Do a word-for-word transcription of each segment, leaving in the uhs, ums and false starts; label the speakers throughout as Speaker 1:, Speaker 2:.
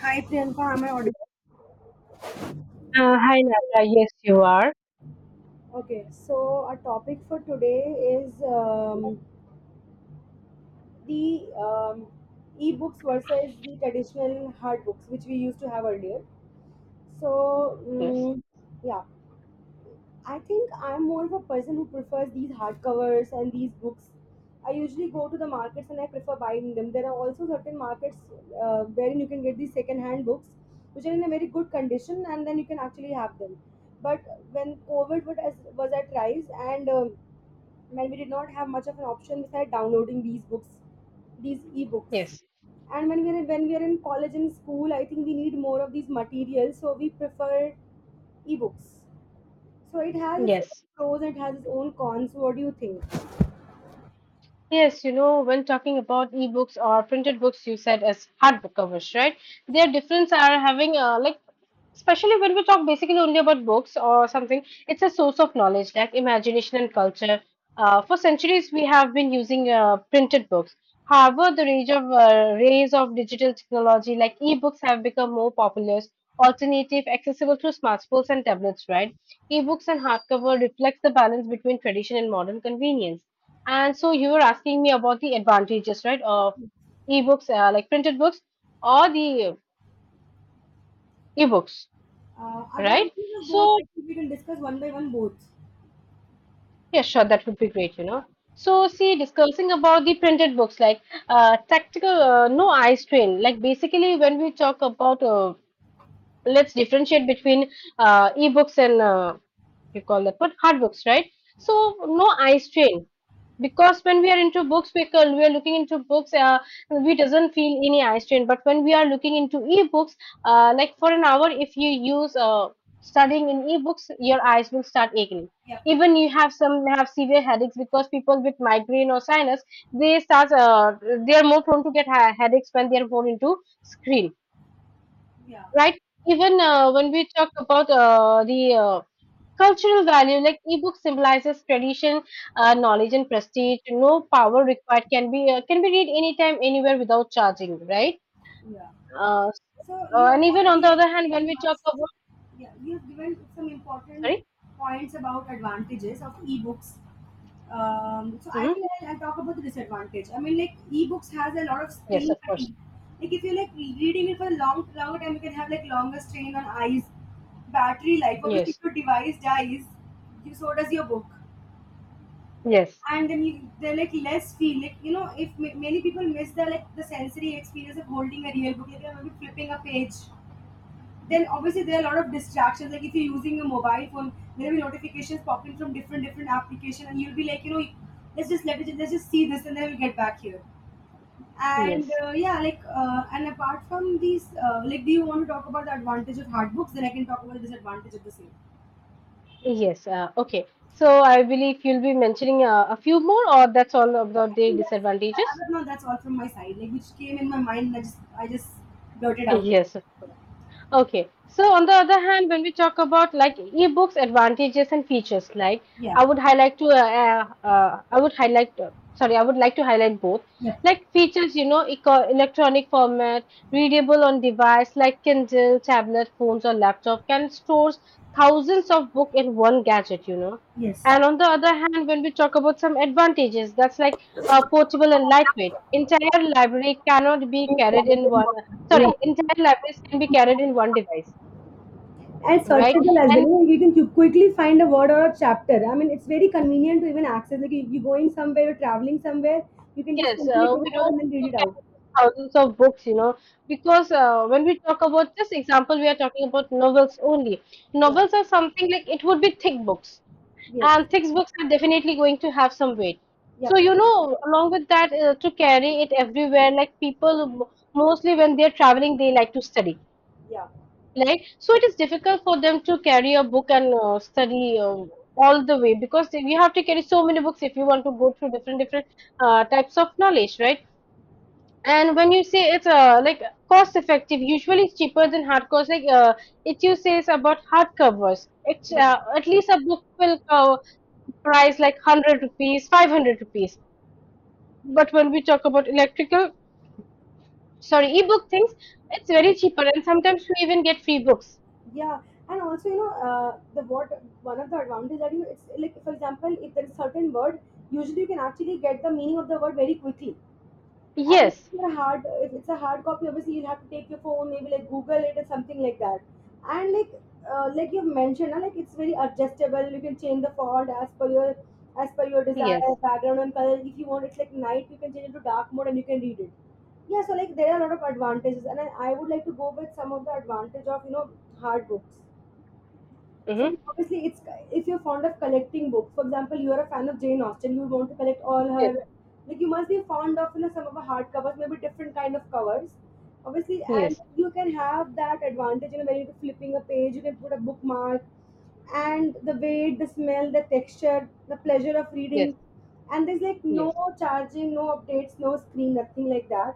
Speaker 1: Hi Priyanka, am I audible?
Speaker 2: Uh, hi, Nata. Yes, you are.
Speaker 1: Okay, so our topic for today is um, the um, e-books versus the traditional hard books, which we used to have earlier. So,
Speaker 2: Yes,
Speaker 1: mm, yeah, I think I'm more of a person who prefers these hardcovers and these books. I usually go to the markets and I prefer buying them. There are also certain markets uh, wherein you can get these second-hand books, which are in a very good condition, and then you can actually have them. But when COVID was as- was at rise, and um, when we did not have much of an option besides downloading these books, these e-books,
Speaker 2: yes,
Speaker 1: and when we're in, when we're in college and school, I think we need more of these materials, so we prefer e-books. So it has its own
Speaker 2: yes,
Speaker 1: pros and it has its own cons. What do you think?
Speaker 2: yes, you know, when talking about ebooks or printed books, you said as hardbook covers, right? Their difference are having, uh, like, especially when we talk basically only about books or something, it's a source of knowledge, like imagination and culture. Uh, for centuries we have been using uh, printed books. However, the range of uh, rays of digital technology, like ebooks, have become more popular alternative, accessible through smartphones and tablets, right? Ebooks and hardcover reflects the balance between tradition and modern convenience. And so you were asking me about the advantages, right, of ebooks, uh, like printed books, or the ebooks,
Speaker 1: Uh,
Speaker 2: right?
Speaker 1: advantages of both.
Speaker 2: So
Speaker 1: I think we can discuss one by one both.
Speaker 2: yeah, sure, that would be great, you know. So, see, discussing about the printed books, like, uh, tactical, uh, no eye strain. Like basically, when we talk about, uh, let's differentiate between uh, ebooks and, uh, you call that what, hard books, right? So, no eye strain, because when we are into books we can, we are looking into books, uh, we doesn't feel any eye strain. But when we are looking into ebooks, uh, like for an hour, if you use, uh, studying in ebooks, your eyes will start aching.
Speaker 1: Yep.
Speaker 2: Even you have some have severe headaches, because people with migraine or sinus, they start uh, they are more prone to get ha- headaches when they are more into screen,
Speaker 1: Yeah.
Speaker 2: right? Even uh, when we talk about uh, the uh, cultural value, like ebook symbolizes tradition, uh, knowledge and prestige. No power required, can be uh, can be read anytime anywhere without charging, right?
Speaker 1: Yeah.
Speaker 2: uh,
Speaker 1: So
Speaker 2: uh,
Speaker 1: you have
Speaker 2: and even on
Speaker 1: already,
Speaker 2: the
Speaker 1: I think,
Speaker 2: other hand
Speaker 1: given
Speaker 2: when we talk about,
Speaker 1: much, yeah, you have given some important
Speaker 2: sorry.
Speaker 1: points about advantages of ebooks. Um, so I
Speaker 2: Hmm.
Speaker 1: think I'll, I'll talk about the disadvantage. I mean, like ebooks has a lot of
Speaker 2: Yes,
Speaker 1: screen
Speaker 2: of course.
Speaker 1: fatigue. Like if you're like re- reading it for a long, longer time, you can have like longer strain on eyes, battery life. Obviously,
Speaker 2: Yes,
Speaker 1: if your device dies, you, so does your book.
Speaker 2: yes,
Speaker 1: And then you, they're like less feel like, you know if ma- many people miss the like the sensory experience of holding a real book, like they're maybe flipping a page, then obviously there are a lot of distractions. Like if you're using a mobile phone, there will be notifications popping from different different application, and you'll be like, you know, let's just let it, let's just see this, and then we'll get back here. And
Speaker 2: yes,
Speaker 1: uh, yeah, like uh, and apart from these, uh, like, do you want to talk about the advantage of hard books? Then I can talk about the disadvantage of the same.
Speaker 2: yes, uh, okay. So I believe you'll be mentioning uh, a few more, or that's all about
Speaker 1: I
Speaker 2: the
Speaker 1: think that's, as
Speaker 2: disadvantages?
Speaker 1: of now, that's all from my side. Like which came in my mind, and I just I just blurted out.
Speaker 2: Yes. Okay. So on the other hand, when we talk about like ebooks advantages and features, like,
Speaker 1: Yeah.
Speaker 2: I would highlight to uh, uh, I would highlight uh, sorry, I would like to highlight both.
Speaker 1: Yep.
Speaker 2: Like features, you know, eco- electronic format, readable on device like Kindle, tablet, phones, or laptop, can store thousands of book in one gadget, you know.
Speaker 1: Yes.
Speaker 2: And on the other hand, when we talk about some advantages, that's like, uh, portable and lightweight. Entire library cannot be carried in one,
Speaker 1: Yeah.
Speaker 2: sorry, entire libraries can be carried in one device,
Speaker 1: And
Speaker 2: right?
Speaker 1: searchable as well.
Speaker 2: And
Speaker 1: You know, you can you quickly find a word or a chapter. I mean, it's very convenient to even access. Like you, you're going somewhere, you're traveling somewhere, you can just
Speaker 2: yes,
Speaker 1: quickly
Speaker 2: uh, we
Speaker 1: take it out
Speaker 2: don't
Speaker 1: and then
Speaker 2: need
Speaker 1: read
Speaker 2: to
Speaker 1: it out.
Speaker 2: carry thousands of books, you know, because uh, when we talk about this example, we are talking about novels only.
Speaker 1: Yeah.
Speaker 2: Novels are something like, it would be thick books,
Speaker 1: Yes.
Speaker 2: and thick books are definitely going to have some weight. So,
Speaker 1: Yep.
Speaker 2: you know, along with that, uh, to carry it everywhere, like people, m- mostly when they're traveling, they like to study.
Speaker 1: Yeah.
Speaker 2: Like, so it is difficult for them to carry a book and uh, study uh, all the way, because they- you have to carry so many books if you want to go through different different uh, types of knowledge, right? And when you say it's, uh, like, cost effective, usually it's cheaper than hardcovers. Like, uh, it you say it's about hardcovers. It's
Speaker 1: Yeah.
Speaker 2: uh, at least a book will, uh, price like one hundred rupees, five hundred rupees. But when we talk about electrical, sorry, ebook things, it's very cheaper, and sometimes we even get free books.
Speaker 1: Yeah. And also, you know, uh, the what one of the advantages that, you know, it's like, for example, if there is certain word, usually you can actually get the meaning of the word very quickly. And if
Speaker 2: Yes,
Speaker 1: you're hard, if it's a hard copy, obviously you'll have to take your phone, maybe like Google it or something like that. And like, uh, like you've mentioned, uh, like it's very adjustable. You can change the font as per your, as per your desire,
Speaker 2: yes.
Speaker 1: background and color. If you want, it's like night. You can change it to dark mode and you can read it. Yeah, so like there are a lot of advantages, and I, I would like to go with some of the advantage of, you know hard books. So
Speaker 2: Mhm.
Speaker 1: like, obviously, it's, if you're fond of collecting books. For example, you are a fan of Jane Austen, you want to collect all
Speaker 2: Yes,
Speaker 1: her. Like you must be fond of, you know some of her hard covers, maybe different kind of covers. Obviously, and
Speaker 2: yes,
Speaker 1: you can have that advantage. You know, when you're flipping a page, you can put a bookmark, and the weight, the smell, the texture, the pleasure of
Speaker 2: yes,
Speaker 1: reading. And there's like no
Speaker 2: yes,
Speaker 1: charging, no updates, no screen, nothing like that.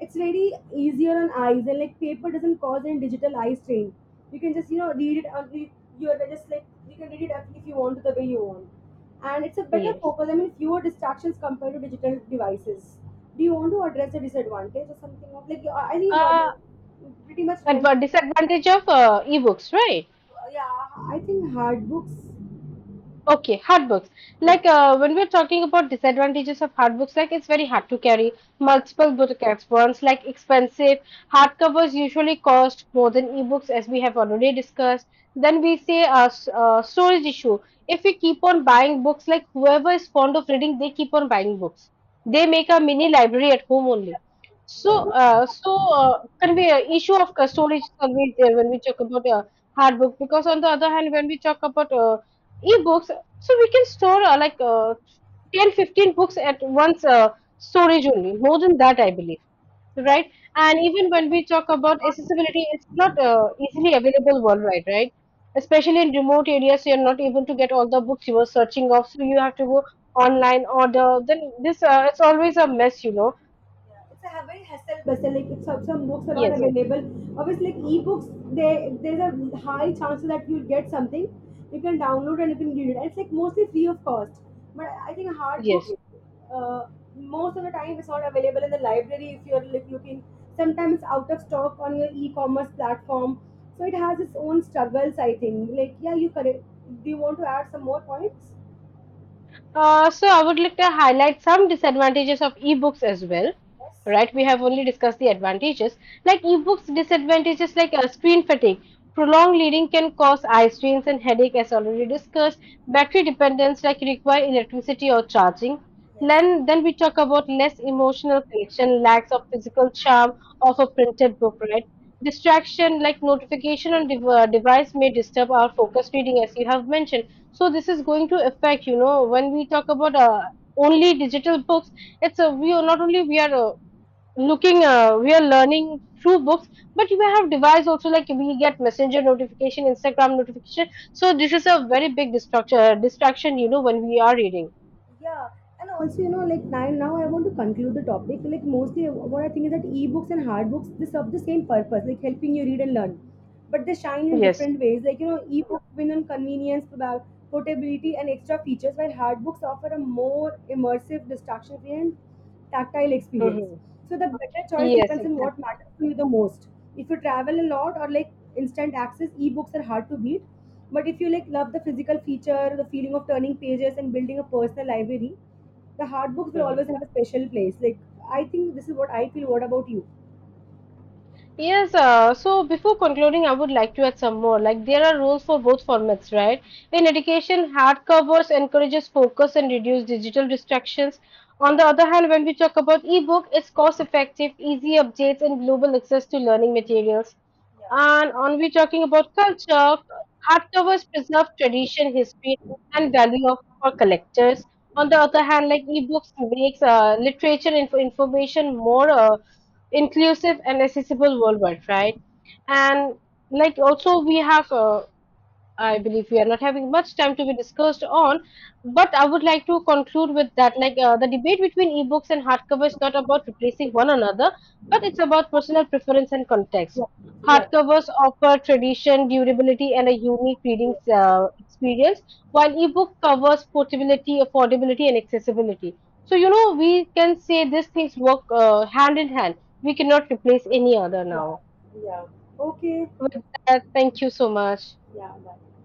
Speaker 1: It's very easier on eyes and like paper doesn't cause any digital eye strain. You can just, you know, read it on the- You're just like you can read it up if you want to the way you want. And it's a better
Speaker 2: yes.
Speaker 1: focus. I mean fewer distractions compared to digital devices. Do you want to address the disadvantage or something of, like I think about,
Speaker 2: Uh,
Speaker 1: pretty much meant,
Speaker 2: adva- Disadvantage of uh, ebooks, right?
Speaker 1: uh, yeah, I think hard books.
Speaker 2: Okay, hard books.
Speaker 1: Yeah.
Speaker 2: Like, uh, when we're talking about disadvantages of hard books, like it's very hard to carry
Speaker 1: Yeah,
Speaker 2: multiple book at once, like expensive. Hardcovers usually cost more than ebooks, as we have already discussed. Then we say a uh, s- uh, storage issue. If we keep on buying books, like whoever is fond of reading, they keep on buying books.
Speaker 1: yeah,
Speaker 2: They make a mini library at home only. So,
Speaker 1: yeah, yeah.
Speaker 2: uh, so uh, convey uh, issue of uh, storage is always there when we talk about uh, hard book. Because on the other hand, when we talk about uh, ebooks, so we can store uh, like uh, ten fifteen books at once, uh, storage only, more than that, I believe,
Speaker 1: Yes. Yeah.
Speaker 2: right? And even when we talk about accessibility, it's not uh, easily available worldwide, right? Especially in remote areas, you're not able to get all the books you were searching of, so you have to go online order. Then this uh, it's always a mess, you know.
Speaker 1: It's a ha- very hassle bustle. Like it's, some some books are not
Speaker 2: Yes,
Speaker 1: available. Obviously, like ebooks, they, there's a high chance that you'll get something. You can download and you can read it. And it's like mostly free of cost. But I think hard books,
Speaker 2: yes.
Speaker 1: uh, most of the time, it's not available in the library if you're like looking. Sometimes it's out of stock on your e-commerce platform. So it has its own struggles, I think. Like yeah, you correct. Do you want to add some more points?
Speaker 2: Uh, so I would like to highlight some disadvantages of ebooks as well.
Speaker 1: Yes.
Speaker 2: Right, we have only discussed the advantages. Like ebooks, disadvantages, like uh, screen fatigue. Prolonged reading can cause eye strains and headache, as already discussed. Battery dependence, like require electricity or charging.
Speaker 1: Yes.
Speaker 2: Then, then we talk about less emotional connection, lacks of physical charm of a printed book. Right, distraction, like notification on dev- uh, device may disturb our focus reading, as you have mentioned. So this is going to affect you know when we talk about uh, only digital books. It's a we are not only, we are uh, looking, uh, we are learning through books, but we have device also, like we get messenger notification, instagram notification. So this is a very big distraction, uh, distraction you know when we are reading.
Speaker 1: Yeah. And also, you know, like now, now I want to conclude the topic. Like mostly, what I think is that ebooks and hard books, they serve the same purpose, like helping you read and learn. But they shine in
Speaker 2: Yes.
Speaker 1: different ways. Like, you know, ebooks win on convenience, proba- portability, and extra features, while hard books offer a more immersive, distraction free, and tactile experience.
Speaker 2: Hmm.
Speaker 1: So, the better choice
Speaker 2: Yes,
Speaker 1: depends on what matters to you the most. If you travel a lot or like instant access, ebooks are hard to beat. But if you like love the physical feature, the feeling of turning pages and building a personal library, the hard books will
Speaker 2: exactly.
Speaker 1: always have a special place. Like I think this is what I feel. What about you?
Speaker 2: Yes, uh, so before concluding, I would like to add some more. Like, there are rules for both formats, right? In education, hard covers encourages focus and reduce digital distractions. On the other hand, when we talk about ebook, it's cost effective, easy updates, and global access to learning materials. And on we talking about culture, hardcovers preserve tradition, history, and value of for collectors. On the other hand, like ebooks makes uh, literature and info information more uh, inclusive and accessible worldwide, right? And, like also, we have, uh, I believe we are not having much time to be discussed on, but I would like to conclude with that. Like, uh, the debate between ebooks and hardcover is not about replacing one another, but it's about personal preference and context.
Speaker 1: Yeah,
Speaker 2: Hardcovers offer tradition, durability, and a unique
Speaker 1: yeah.
Speaker 2: reading uh, experience, while ebook covers portability, affordability, and accessibility. So, you know, we can say these things work uh, hand in hand. We cannot replace any other
Speaker 1: Yeah,
Speaker 2: now.
Speaker 1: yeah. Okay.
Speaker 2: With that, thank you so much.
Speaker 1: Yeah, bye.